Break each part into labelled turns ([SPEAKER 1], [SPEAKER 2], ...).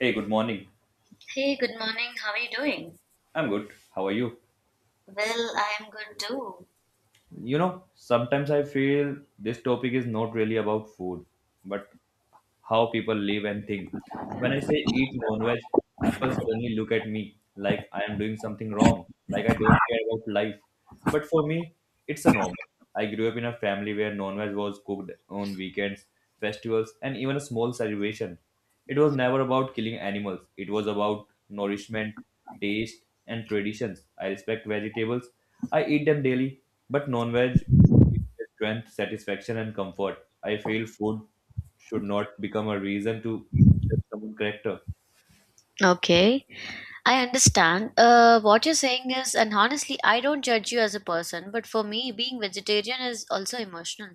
[SPEAKER 1] Hey, good morning.
[SPEAKER 2] Hey, good morning. How are you doing?
[SPEAKER 1] I'm good. How are you?
[SPEAKER 2] Well, I am good too.
[SPEAKER 1] You know, sometimes I feel this topic is not really about food, but how people live and think. When I say eat non-veg, people suddenly look at me like I am doing something wrong, like I don't care about life. But for me, it's a normal. I grew up in a family where non-veg was cooked on weekends, festivals, and even a small celebration. It was never about killing animals, it was about nourishment, taste, and traditions. I respect vegetables, I eat them daily, but non veg gives me strength, satisfaction, and comfort. I feel food should not become a reason to judge someone's character.
[SPEAKER 2] Okay. I understand. What you're saying is, and honestly, I don't judge you as a person, but for me, being vegetarian is also emotional.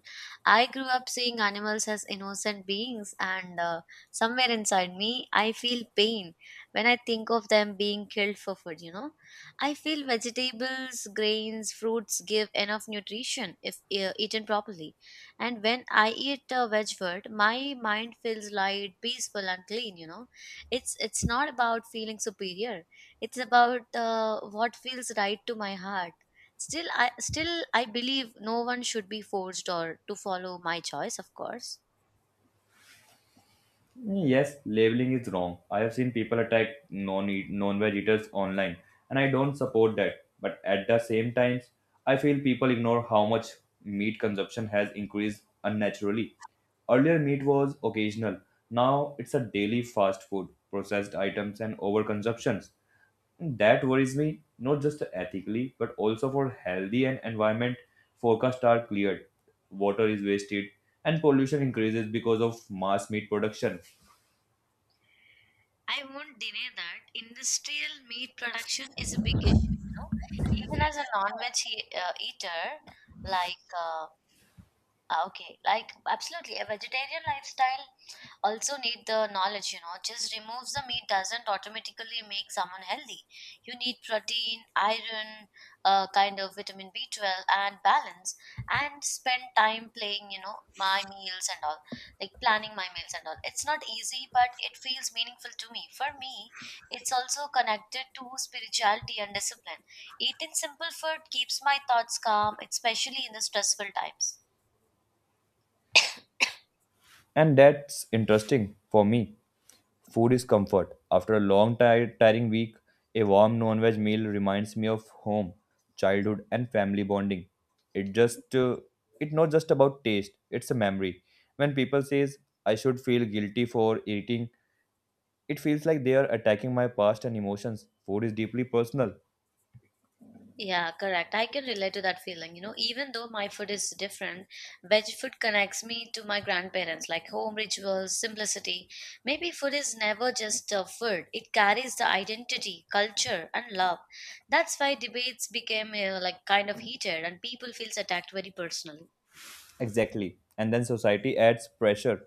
[SPEAKER 2] I grew up seeing animals as innocent beings, and somewhere inside me, I feel pain when I think of them being killed for food, you know? I feel vegetables, grains, fruits give enough nutrition if eaten properly. And when I eat a veg food, my mind feels light, peaceful, and clean, you know? It's not about feeling superior, it's about what feels right to my heart. Still I believe no one should be forced or to follow my choice, of course.
[SPEAKER 1] Yes, labeling is wrong. I have seen people attack non-eat, non-veg eaters online, and I don't support that. But at the same time, I feel people ignore how much meat consumption has increased unnaturally. Earlier, meat was occasional. Now, it's a daily fast food, processed items, and overconsumptions. That worries me, not just ethically, but also for healthy and environment. Forecasts are cleared, water is wasted, and pollution increases because of mass meat production.
[SPEAKER 2] I won't deny that industrial meat production is a big issue. Even as a non-veg eater, like ah, okay, like absolutely, a vegetarian lifestyle also need the knowledge. Just removes the meat doesn't automatically make someone healthy. You need protein, iron, kind of vitamin B12, and balance, and spend time playing, my meals and all, like planning my meals and all. It's not easy, but it feels meaningful to me. For me, it's also connected to spirituality and discipline. Eating simple food keeps my thoughts calm, especially in the stressful times.
[SPEAKER 1] And that's interesting for me. Food is comfort. After a long, tired, tiring week, a warm non veg meal reminds me of home, childhood, and family bonding. It just, it's not just about taste, it's a memory. When people says, I should feel guilty for eating, it feels like they are attacking my past and emotions. Food is deeply personal.
[SPEAKER 2] Yeah, correct. I can relate to that feeling. Even though my food is different, veg food connects me to my grandparents, like home rituals, simplicity. Maybe food is never just a food, it carries the identity, culture, and love. That's why debates became like kind of heated, and people feels attacked very personally.
[SPEAKER 1] Exactly. And then society adds pressure.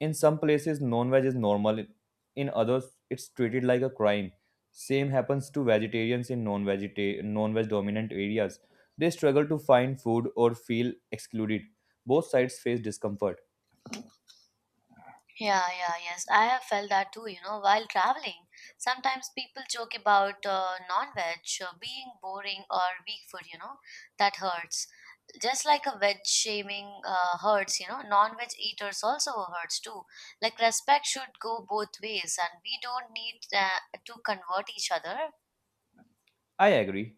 [SPEAKER 1] In some places, non veg is normal, in others, it's treated like a crime. Same happens to vegetarians in non veg dominant areas. They struggle to find food or feel excluded. Both sides face discomfort.
[SPEAKER 2] Yeah, yeah, yes. I have felt that too, while traveling. Sometimes people joke about non-veg being boring or weak food, that hurts. Just like a veg shaming hurts, non-veg eaters also hurts too. Like respect should go both ways, and we don't need to convert each other.
[SPEAKER 1] I agree.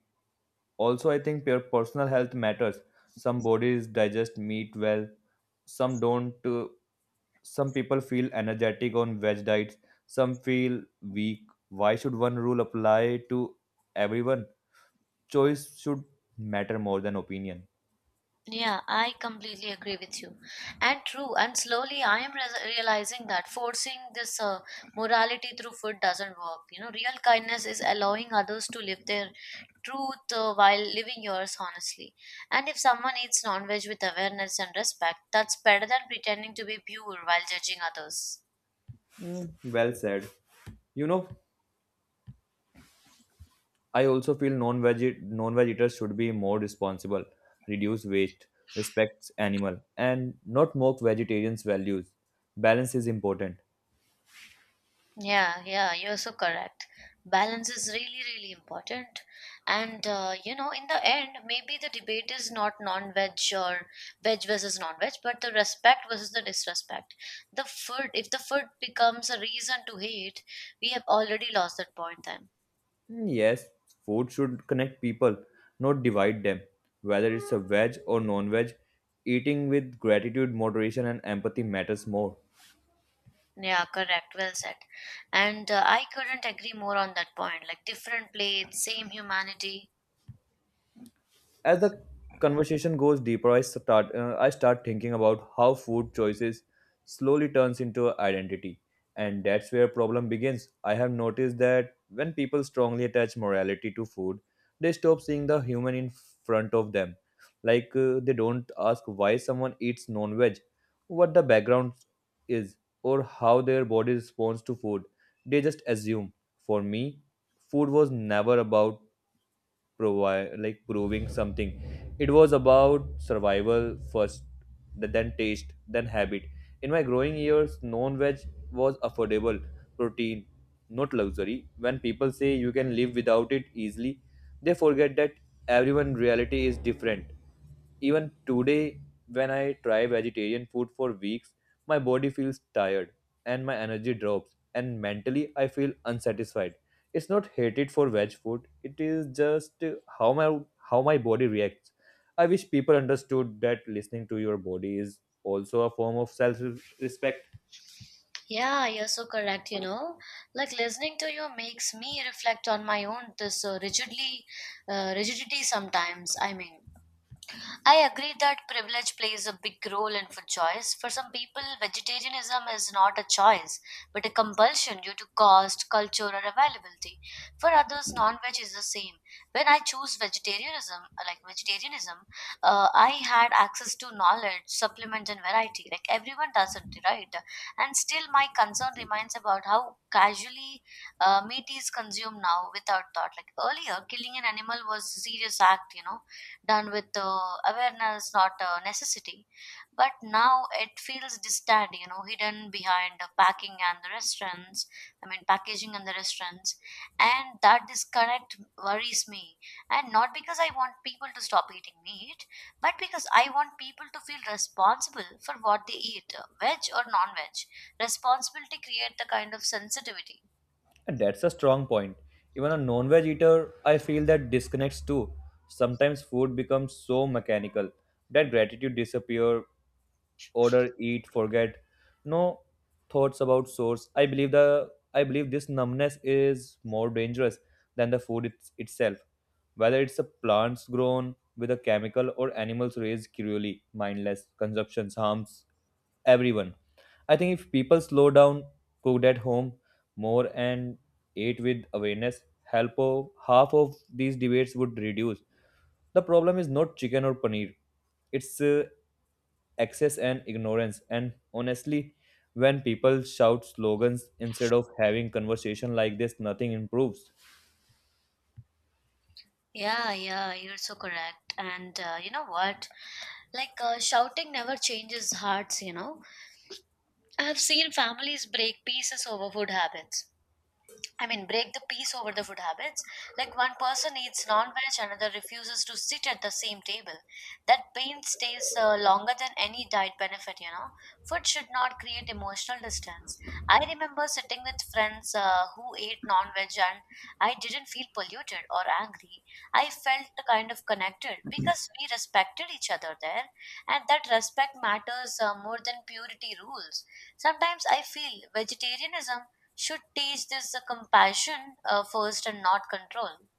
[SPEAKER 1] Also, I think your personal health matters. Some bodies digest meat well, some don't. Some people feel energetic on veg diets, some feel weak. Why should one rule apply to everyone? Choice should matter more than opinion.
[SPEAKER 2] Yeah, I completely agree with you. And true, and slowly I am realizing that forcing this morality through food doesn't work. Real kindness is allowing others to live their truth, while living yours honestly. And if someone eats non veg with awareness and respect, that's better than pretending to be pure while judging others.
[SPEAKER 1] Mm, well said. You know, I also feel non-veg eaters should be more responsible, reduce waste, respect animal, and not mock vegetarians' values. Balance is important.
[SPEAKER 2] Yeah, yeah, you're so correct. Balance is really, really important. And, in the end, maybe the debate is not non veg or veg versus non veg, but the respect versus the disrespect. If the food becomes a reason to hate, we have already lost that point then.
[SPEAKER 1] Mm, yes, food should connect people, not divide them. Whether it's a veg or non-veg, eating with gratitude, moderation, and empathy matters more.
[SPEAKER 2] Yeah, correct. Well said. And I couldn't agree more on that point. Like different plates, same humanity.
[SPEAKER 1] As the conversation goes deeper, I start thinking about how food choices slowly turns into identity, and that's where problem begins. I have noticed that when people strongly attach morality to food, they stop seeing the human in front of them. Like they don't ask why someone eats non-veg, what the background is, or how their body responds to food. They just assume. For me, food was never about provide like proving something. It was about survival first, then taste, then habit. In my growing years, non-veg was affordable protein, not luxury. When people say you can live without it easily, they forget that everyone reality is different. Even today, when I try vegetarian food for weeks, my body feels tired, and my energy drops, and mentally I feel unsatisfied. It's not hated for veg food, it is just how my body reacts. I wish people understood that listening to your body is also a form of self respect.
[SPEAKER 2] Yeah, you're so correct. Like listening to you makes me reflect on my own this rigidly rigidity sometimes. I mean, I agree that privilege plays a big role in food choice. For some people, vegetarianism is not a choice, but a compulsion due to cost, culture, or availability. For others, non-veg is the same. When I choose vegetarianism, like vegetarianism, I had access to knowledge, supplements, and variety. Like everyone doesn't, right? And still, my concern remains about how casually meat is consumed now without thought. Like earlier, killing an animal was a serious act, done with awareness, not necessity. But now it feels distant, hidden behind the packing and the restaurants. I mean, packaging and the restaurants, and that disconnect worries me. And not because I want people to stop eating meat, but because I want people to feel responsible for what they eat, veg or non-veg. Responsibility create the kind of sensitivity.
[SPEAKER 1] And that's a strong point. Even a non veg eater, I feel that disconnects too. Sometimes food becomes so mechanical that gratitude disappear. Order, eat, forget. No thoughts about source. I believe this numbness is more dangerous than the food itself. Whether it's a plants grown whether chemical or animals raised cruelly, mindless consumption harms everyone. I think if people slow down, cooked at home more, and ate with awareness, help of half of these debates would reduce. The problem is not chicken or paneer; it's excess and ignorance. And honestly, when people shout slogans instead of having conversation like this, nothing improves.
[SPEAKER 2] Yeah, yeah, you're so correct. And you know what? Like shouting never changes hearts. I have seen families break pieces over food habits. I mean, break the peace over the food habits. Like one person eats non-veg, another refuses to sit at the same table. That pain stays longer than any diet benefit. Food should not create emotional distance. I remember sitting with friends who ate non-veg, and I didn't feel polluted or angry. I felt kind of connected because we respected each other there, and that respect matters more than purity rules. Sometimes I feel vegetarianism should teach this compassion first and not control.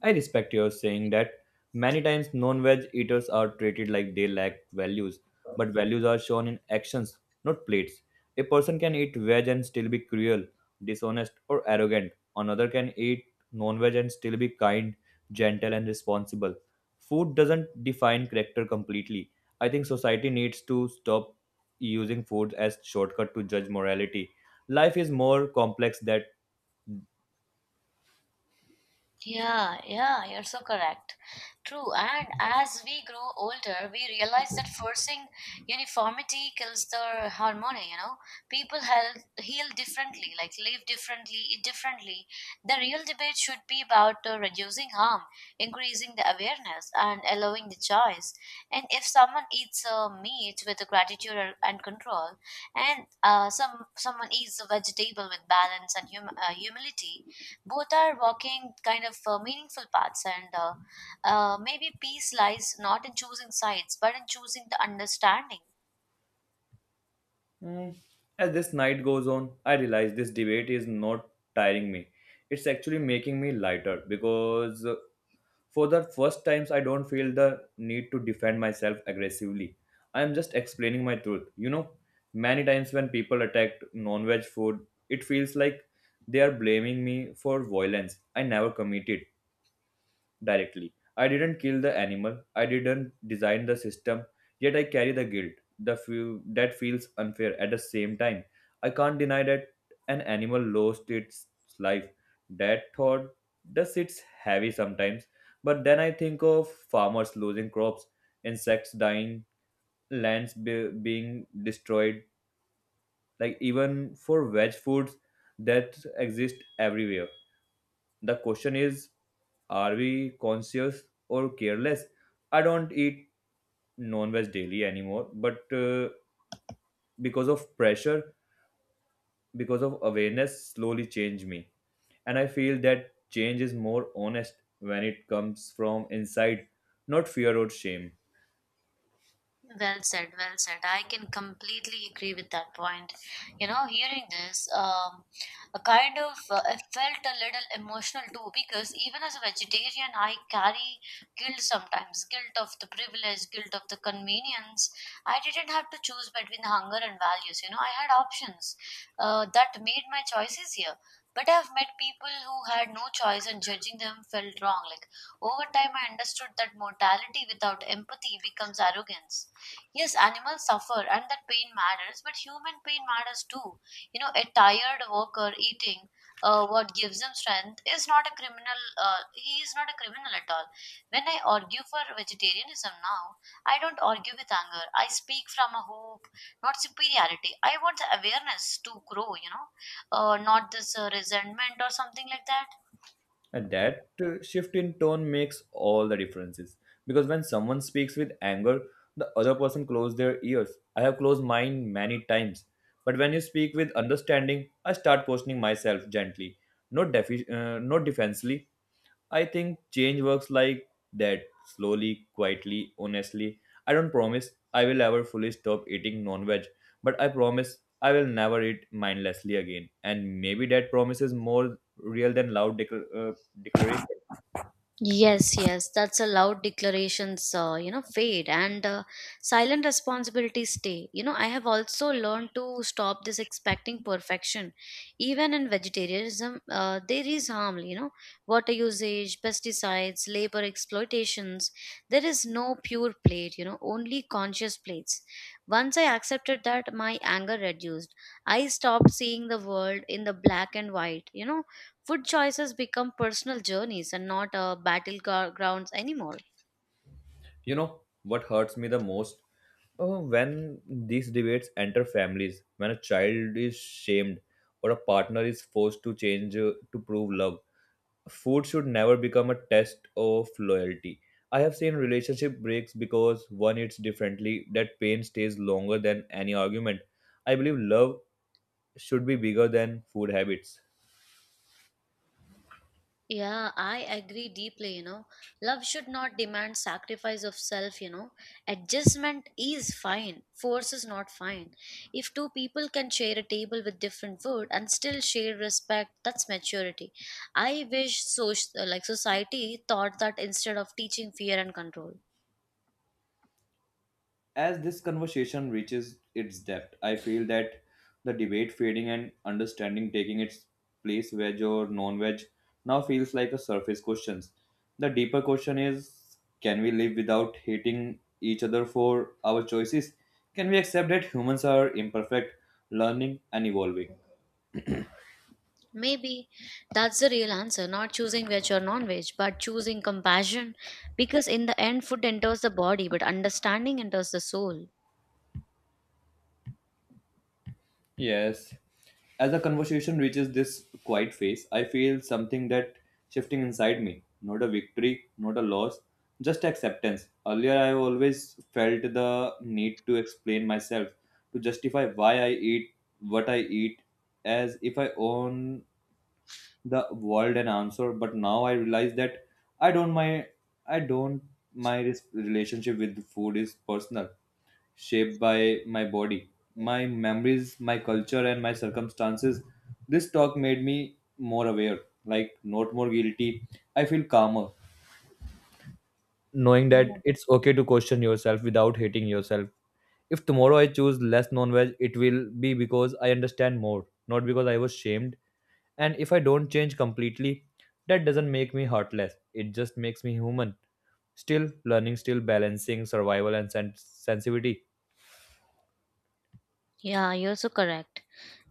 [SPEAKER 1] I respect your saying that many times non veg eaters are treated like they lack values, but values are shown in actions, not plates. A person can eat veg and still be cruel, dishonest, or arrogant. Another can eat non veg and still be kind, gentle, and responsible. Food doesn't define character completely. I think society needs to stop using food as shortcut to judge morality. Life is more complex than.
[SPEAKER 2] Yeah, yeah, you're so correct. True. And as we grow older, we realize that forcing uniformity kills the harmony. People heal differently, like live differently, eat differently. The real debate should be about reducing harm, increasing the awareness, and allowing the choice. And if someone eats meat with gratitude and control, and someone eats a vegetable with balance and humility, both are walking kind of meaningful paths, and maybe peace lies not in choosing sides but in choosing the understanding.
[SPEAKER 1] Mm, as this night goes on, I realize this debate is not tiring me. It's actually making me lighter because for the first times I don't feel the need to defend myself aggressively. I am just explaining my truth. You know, many times when people attack non-veg food, it feels like they are blaming me for violence I never committed directly. I didn't kill the animal. I didn't design the system. Yet I carry the guilt. The few that feels unfair. At the same time, I can't deny that an animal lost its life. That thought does it's heavy sometimes. But then I think of farmers losing crops, insects dying, being destroyed. Like even for veg foods that exist everywhere, the question is, are we conscious or careless? I don't eat non veg daily anymore, but because of pressure, because of awareness, slowly changed me. And I feel that change is more honest when it comes from inside, not fear or shame.
[SPEAKER 2] Well said, well said. I can completely agree with that point. Hearing this, a kind of I felt a little emotional too, because even as a vegetarian, I carry guilt sometimes, guilt of the privilege, guilt of the convenience. I didn't have to choose between hunger and values. I had options that made my choices here. But I've met people who had no choice, and judging them felt wrong. Like over time, I understood that mortality without empathy becomes arrogance. Yes, animals suffer and that pain matters, but human pain matters too. A tired worker eating what gives him strength is not a criminal, he is not a criminal at all. When I argue for vegetarianism now, I don't argue with anger. I speak from a hope, not superiority. I want the awareness to grow, not this resentment or something like that.
[SPEAKER 1] And that shift in tone makes all the differences. Because when someone speaks with anger, the other person closes their ears. I have closed mine many times. But when you speak with understanding, I start questioning myself gently, not defensively. I think change works like that, slowly, quietly, honestly. I don't promise I will ever fully stop eating non veg, but I promise I will never eat mindlessly again. And maybe that promise is more real than loud declaration.
[SPEAKER 2] Yes, yes, that's a loud declarations, fade, and silent responsibilities stay. I have also learned to stop this expecting perfection. Even in vegetarianism, there is harm, water usage, pesticides, labor exploitations. There is no pure plate, only conscious plates. Once I accepted that, my anger reduced. I stopped seeing the world in the black and white. Food choices become personal journeys and not battlegrounds anymore.
[SPEAKER 1] You know what hurts me the most? When these debates enter families, when a child is shamed or a partner is forced to change to prove love, food should never become a test of loyalty. I have seen relationship breaks because one eats differently. That pain stays longer than any argument. I believe love should be bigger than food habits.
[SPEAKER 2] Yeah, I agree deeply. Love should not demand sacrifice of self. Adjustment is fine, force is not fine. If two people can share a table with different food and still share respect, that's maturity. I wish so like society thought that instead of teaching fear and control.
[SPEAKER 1] As this conversation reaches its depth, I feel that the debate fading and understanding taking its place, veg or non veg, now feels like a surface question. The deeper question is, can we live without hating each other for our choices? Can we accept that humans are imperfect, learning, and evolving?
[SPEAKER 2] Maybe that's the real answer, not choosing veg or non veg, but choosing compassion. Because in the end, food enters the body, but understanding enters the soul.
[SPEAKER 1] Yes. As the conversation reaches this quiet phase, I feel something that shifting inside me. Not a victory, not a loss, just acceptance. Earlier, I always felt the need to explain myself, to justify why I eat what I eat, as if I own the world an answer. But now I realize that I don't my I don't my res- relationship with food is personal, shaped by my body, my memories, my culture, and my circumstances. This talk made me more aware, like not more guilty. I feel calmer knowing that it's okay to question yourself without hating yourself. If tomorrow I choose less non veg, it will be because I understand more, not because I was shamed. And if I don't change completely, that doesn't make me heartless, it just makes me human. Still learning, still balancing survival and sensitivity.
[SPEAKER 2] Yeah, you're so correct.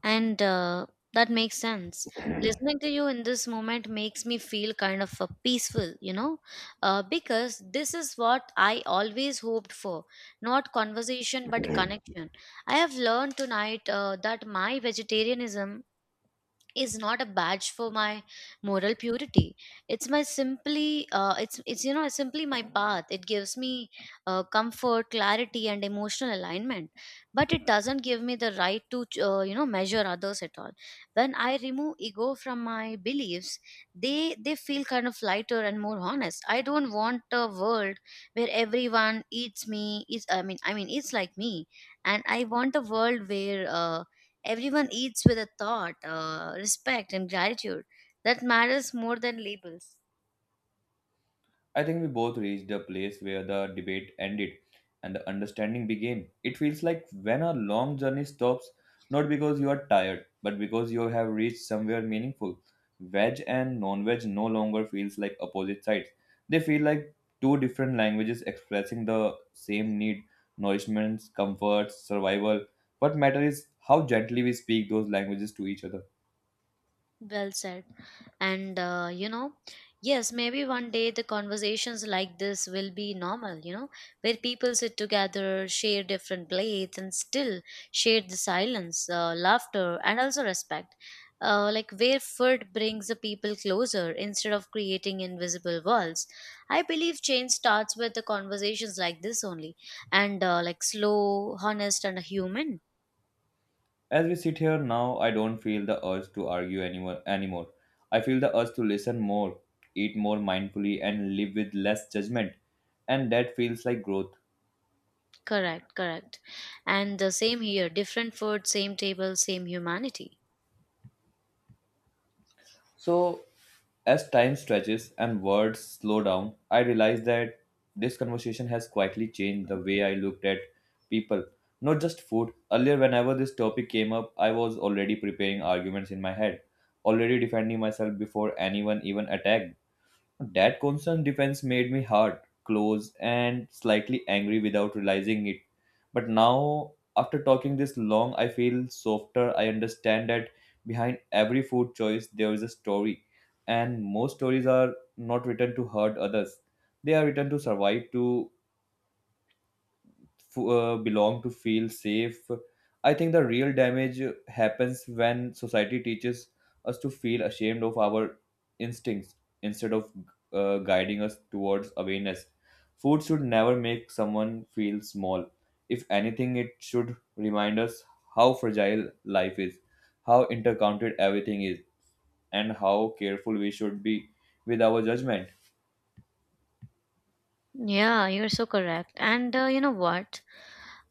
[SPEAKER 2] And that makes sense. Listening to you in this moment makes me feel kind of peaceful, because this is what I always hoped for, not conversation, but connection. I have learned tonight that my vegetarianism is not a badge for my moral purity. It's my simply it's you know It's simply my path. It gives me comfort, clarity, and emotional alignment, but it doesn't give me the right to measure others at all. When I remove ego from my beliefs, they feel kind of lighter and more honest. I don't want a world where everyone eats me is I mean eats like me, and I want a world where everyone eats with a thought, respect, and gratitude that matters more than labels.
[SPEAKER 1] I think we both reached a place where the debate ended and the understanding began. It feels like when a long journey stops, not because you are tired, but because you have reached somewhere meaningful. Veg and non veg no longer feels like opposite sides. They feel like two different languages expressing the same need, nourishment, comfort, survival. What matters is how gently we speak those languages to each other.
[SPEAKER 2] Well said. And, yes, maybe one day the conversations like this will be normal, where people sit together, share different plates, and still share the silence, laughter, and also respect. Like where food brings the people closer instead of creating invisible walls. I believe change starts with the conversations like this only, and like slow, honest, and human.
[SPEAKER 1] As we sit here now, I don't feel the urge to argue anymore. I feel the urge to listen more, eat more mindfully, and live with less judgment. And that feels like growth.
[SPEAKER 2] Correct, correct. And the same here, different food, same table, same humanity.
[SPEAKER 1] So, as time stretches and words slow down, I realize that this conversation has quietly changed the way I looked at people, not just food. Earlier, whenever this topic came up, I was already preparing arguments in my head, already defending myself before anyone even attacked. That constant defense made me hard, close, and slightly angry without realizing it. But now, after talking this long, I feel softer. I understand that behind every food choice, there is a story. And most stories are not written to hurt others, they are written to survive, to belong, to feel safe. I think the real damage happens when society teaches us to feel ashamed of our instincts instead of guiding us towards awareness. Food should never make someone feel small. If anything, it should remind us how fragile life is, how intercounted everything is, and how careful we should be with our judgment.
[SPEAKER 2] Yeah, you're so correct. And you know what?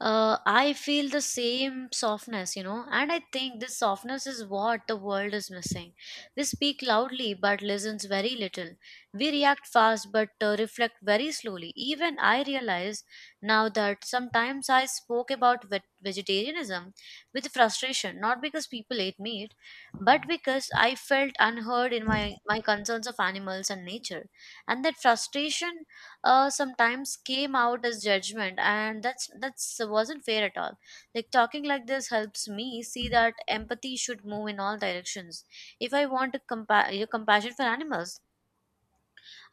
[SPEAKER 2] I feel the same softness, and I think this softness is what the world is missing. We speak loudly but listens very little. We react fast but reflect very slowly. Even I realize now that sometimes I spoke about vegetarianism with frustration, not because people ate meat, but because I felt unheard in my concerns of animals and nature. And that frustration sometimes came out as judgment, and that's wasn't fair at all. Like talking like this helps me see that empathy should move in all directions. If I want to your compassion for animals,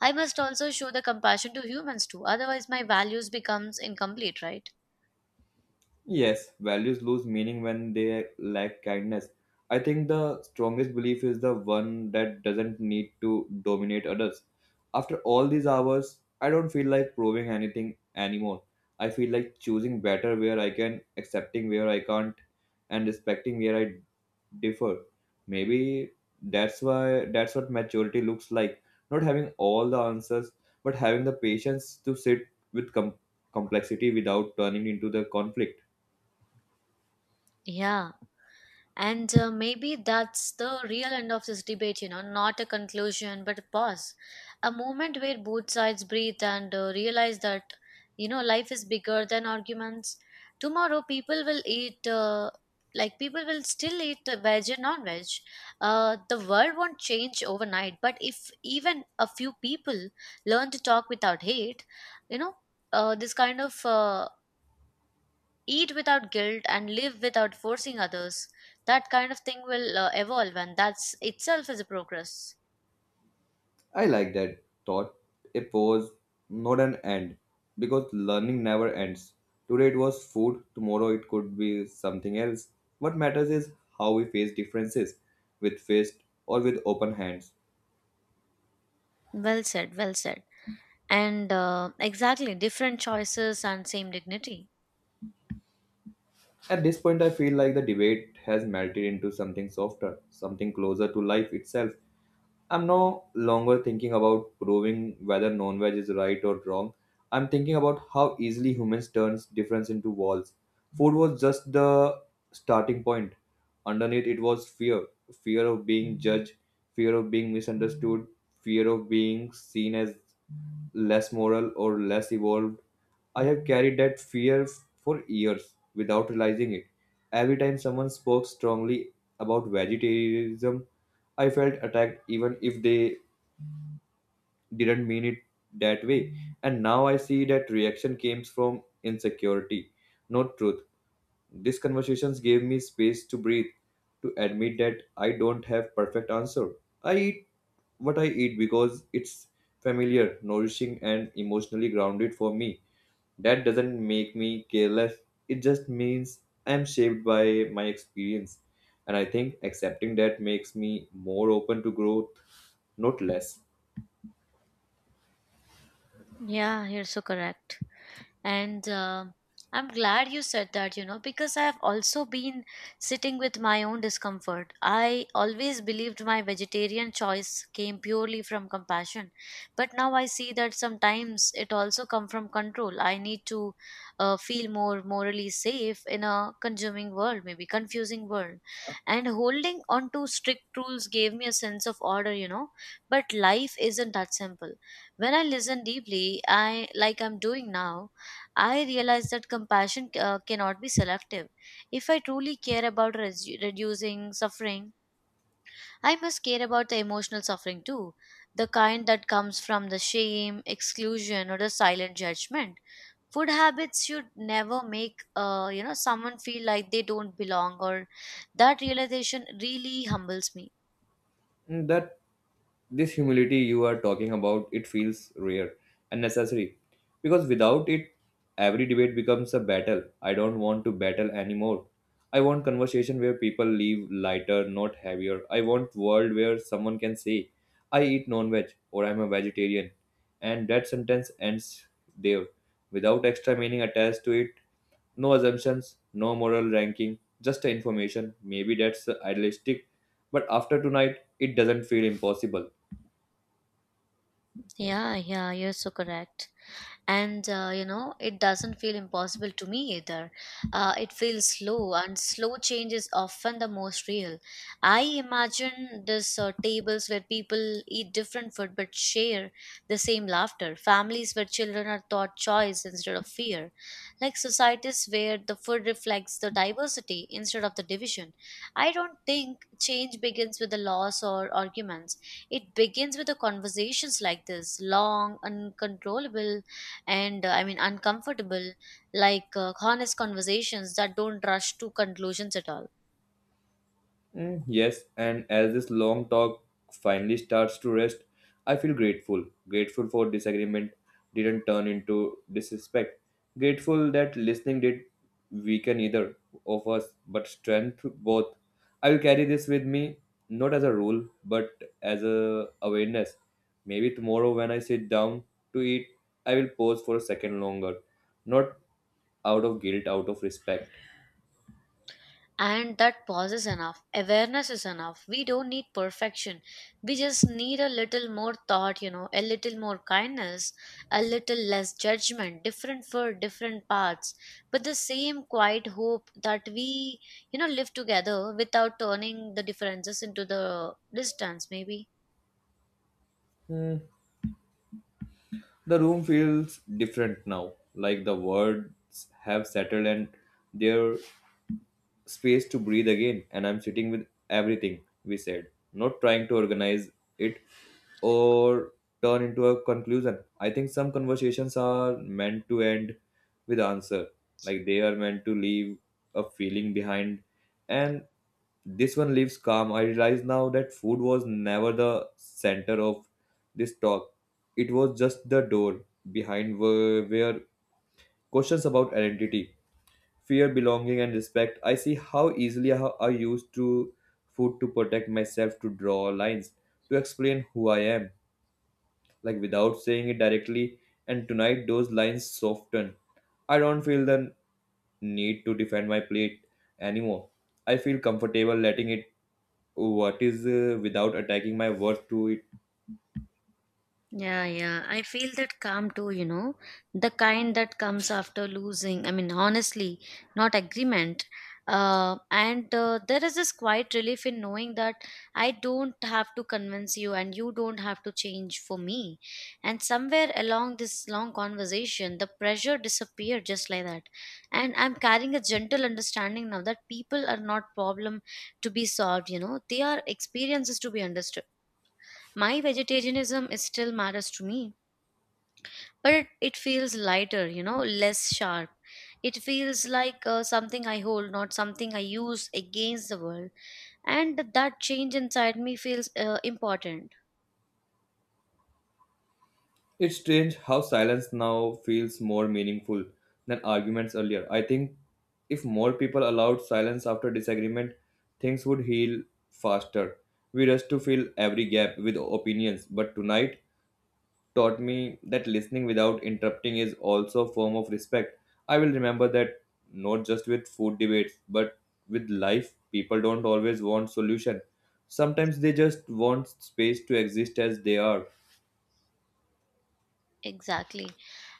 [SPEAKER 2] I must also show the compassion to humans too, otherwise my values becomes incomplete, right?
[SPEAKER 1] Yes, values lose meaning when they lack kindness. I think the strongest belief is the one that doesn't need to dominate others. After all these hours, I don't feel like proving anything anymore. I feel like choosing better where I can, accepting where I can't, and respecting where I differ. Maybe that's what maturity looks like. Not having all the answers, but having the patience to sit with complexity without turning into the conflict.
[SPEAKER 2] Yeah. And maybe that's the real end of this debate, not a conclusion, but a pause. A moment where both sides breathe and realize that, life is bigger than arguments. Tomorrow, people will people will still eat veg and non veg. The world won't change overnight, but if even a few people learn to talk without hate, you know, this kind of eat without guilt and live without forcing others, that kind of thing will evolve, and that's itself is a progress.
[SPEAKER 1] I like that thought. A pause, not an end. Because learning never ends. Today it was food, tomorrow it could be something else. What matters is how we face differences, with fist or with open hands.
[SPEAKER 2] Well said, well said. And exactly, different choices and same dignity.
[SPEAKER 1] At this point, I feel like the debate has melted into something softer, something closer to life itself. I'm no longer thinking about proving whether non-veg is right or wrong. I'm thinking about how easily humans turns difference into walls. Food was just the starting point. Underneath it was fear. Fear of being judged, fear of being misunderstood, fear of being seen as less moral or less evolved. I have carried that fear for years without realizing it. Every time someone spoke strongly about vegetarianism, I felt attacked even if they didn't mean it that way. And now I see that reaction came from insecurity, not truth. These conversations gave me space to breathe, to admit that I don't have perfect answer. I eat what I eat because it's familiar, nourishing and emotionally grounded for me. That doesn't make me careless. It just means I'm shaped by my experience. And I think accepting that makes me more open to growth, not less.
[SPEAKER 2] Yeah, you're so correct. And I'm glad you said that, you know, because I have also been sitting with my own discomfort. I always believed my vegetarian choice came purely from compassion, but now I see that sometimes it also comes from control. I need to feel more morally safe in a consuming world, maybe confusing world, and holding on to strict rules gave me a sense of order, you know. But life isn't that simple. When I listen deeply, I like I'm doing now, I realize that compassion cannot be selective. If I truly care about reducing suffering, I must care about the emotional suffering too, the kind that comes from the shame, exclusion, or the silent judgment. Food habits should never make someone feel like they don't belong, or that realization really humbles me.
[SPEAKER 1] And that this humility you are talking about, it feels rare and necessary, because without it every debate becomes a battle. I don't want to battle anymore. I want conversation where people leave lighter, not heavier. I want world where someone can say I eat non-veg or I'm a vegetarian and that sentence ends there, without extra meaning attached to it. No assumptions, no moral ranking, just information. Maybe that's idealistic, but after tonight, it doesn't feel impossible.
[SPEAKER 2] Yeah, yeah, you're so correct. And you know, it doesn't feel impossible to me either. It feels slow, and slow change is often the most real. I imagine this tables where people eat different food but share the same laughter, families where children are taught choice instead of fear, like societies where the food reflects the diversity instead of the division. I don't think change begins with the laws or arguments. It begins with the conversations like this, long, uncontrollable, and I mean uncomfortable, like honest conversations that don't rush to conclusions at all.
[SPEAKER 1] Mm, yes, and as this long talk finally starts to rest, I feel grateful. Grateful for disagreement didn't turn into disrespect. Grateful that listening did weaken either of us, but strength both. I will carry this with me, not as a rule, but as a awareness. Maybe tomorrow when I sit down to eat, I will pause for a second longer, not out of guilt, out of respect.
[SPEAKER 2] And that pause is enough. Awareness is enough. We don't need perfection. We just need a little more thought, you know, a little more kindness, a little less judgment, different for different paths, but the same quiet hope that we, you know, live together without turning the differences into the distance, maybe.
[SPEAKER 1] Hmm. The room feels different now, like the words have settled and there space to breathe again, and I'm sitting with everything we said, not trying to organize it or turn into a conclusion. I think some conversations are meant to end with answer, like they are meant to leave a feeling behind, and this one leaves calm. I realize now that food was never the center of this talk. It was just the door behind where questions about identity fear, belonging, and respect. I see how easily I used to food to protect myself, to draw lines, to explain who I am, like without saying it directly. And tonight, those lines soften. I don't feel the need to defend my plate anymore. I feel comfortable letting it what is without attacking my worth to it.
[SPEAKER 2] Yeah, yeah. I feel that calm too, you know. The kind that comes after losing. I mean, honestly, not agreement. And There is this quiet relief in knowing that I don't have to convince you and you don't have to change for me. And somewhere along this long conversation, the pressure disappeared just like that. And I'm carrying a gentle understanding now that people are not problem to be solved, you know. They are experiences to be understood. My vegetarianism is still matters to me, but it feels lighter, you know, less sharp. It feels like something I hold, not something I use against the world. And that change inside me feels important.
[SPEAKER 1] It's strange how silence now feels more meaningful than arguments earlier. I think if more people allowed silence after disagreement, things would heal faster. We rush to fill every gap with opinions, but tonight taught me that listening without interrupting is also a form of respect. I will remember that not just with food debates, but with life, people don't always want solution. Sometimes they just want space to exist as they are.
[SPEAKER 2] Exactly.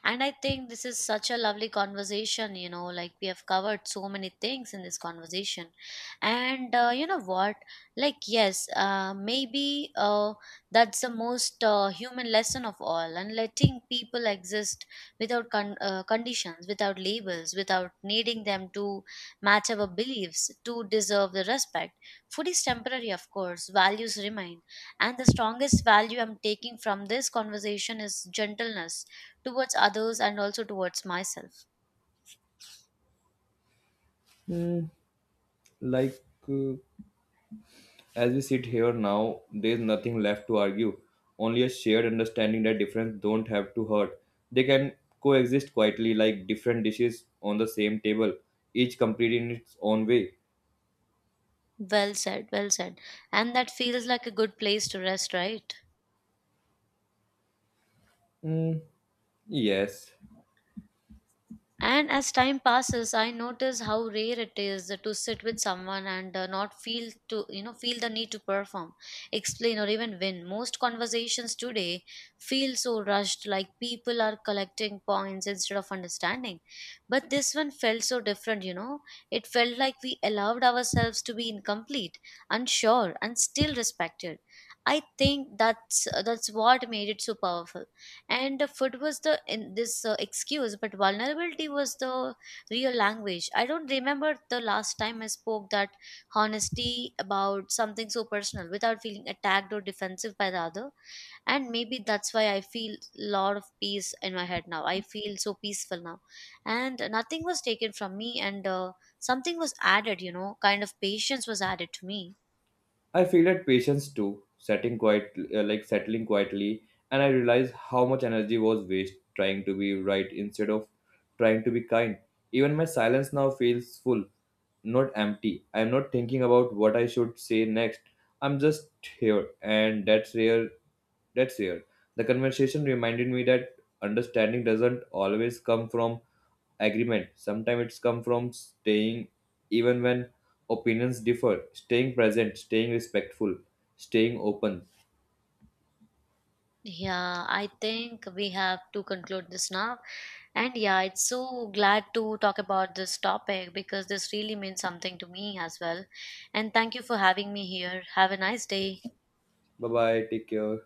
[SPEAKER 2] And I think this is such a lovely conversation, you know, like we have covered so many things in this conversation. And you know what? Like, yes, maybe that's the most human lesson of all. And letting people exist without conditions, without labels, without needing them to match our beliefs, to deserve the respect. Food is temporary, of course, values remain, and the strongest value I'm taking from this conversation is gentleness towards others and also towards myself.
[SPEAKER 1] Hmm, like uh, as we sit here now, there's nothing left to argue, only a shared understanding that difference don't have to hurt. They can coexist quietly like different dishes on the same table, each complete in its own way.
[SPEAKER 2] Well said, well said. And that feels like a good place to rest, right?
[SPEAKER 1] Mm, yes.
[SPEAKER 2] And as time passes, I notice how rare it is to sit with someone and not feel to you know feel the need to perform, explain, or even win. Most conversations today feel so rushed, like people are collecting points instead of understanding. But this one felt so different, you know. It felt like we allowed ourselves to be incomplete, unsure, and still respected. I think that's what made it so powerful. And the food was the in this excuse, but vulnerability was the real language. I don't remember the last time I spoke that honesty about something so personal without feeling attacked or defensive by the other. And maybe that's why I feel a lot of peace in my head now. I feel so peaceful now. And nothing was taken from me, and something was added, you know, kind of patience was added to me.
[SPEAKER 1] I feel that patience too, like settling quietly, and I realize how much energy was waste trying to be right instead of trying to be kind. Even my silence now feels full, not empty. I'm not thinking about what I should say next. I'm just here, and that's year, the conversation reminded me that understanding doesn't always come from agreement. Sometimes it's come from staying even when opinions differ, staying present, staying respectful, staying open.
[SPEAKER 2] Yeah, I think we have to conclude this now. And yeah, it's so glad to talk about this topic because this really means something to me as well. And thank you for having me here. Have a nice day.
[SPEAKER 1] Bye bye, take care.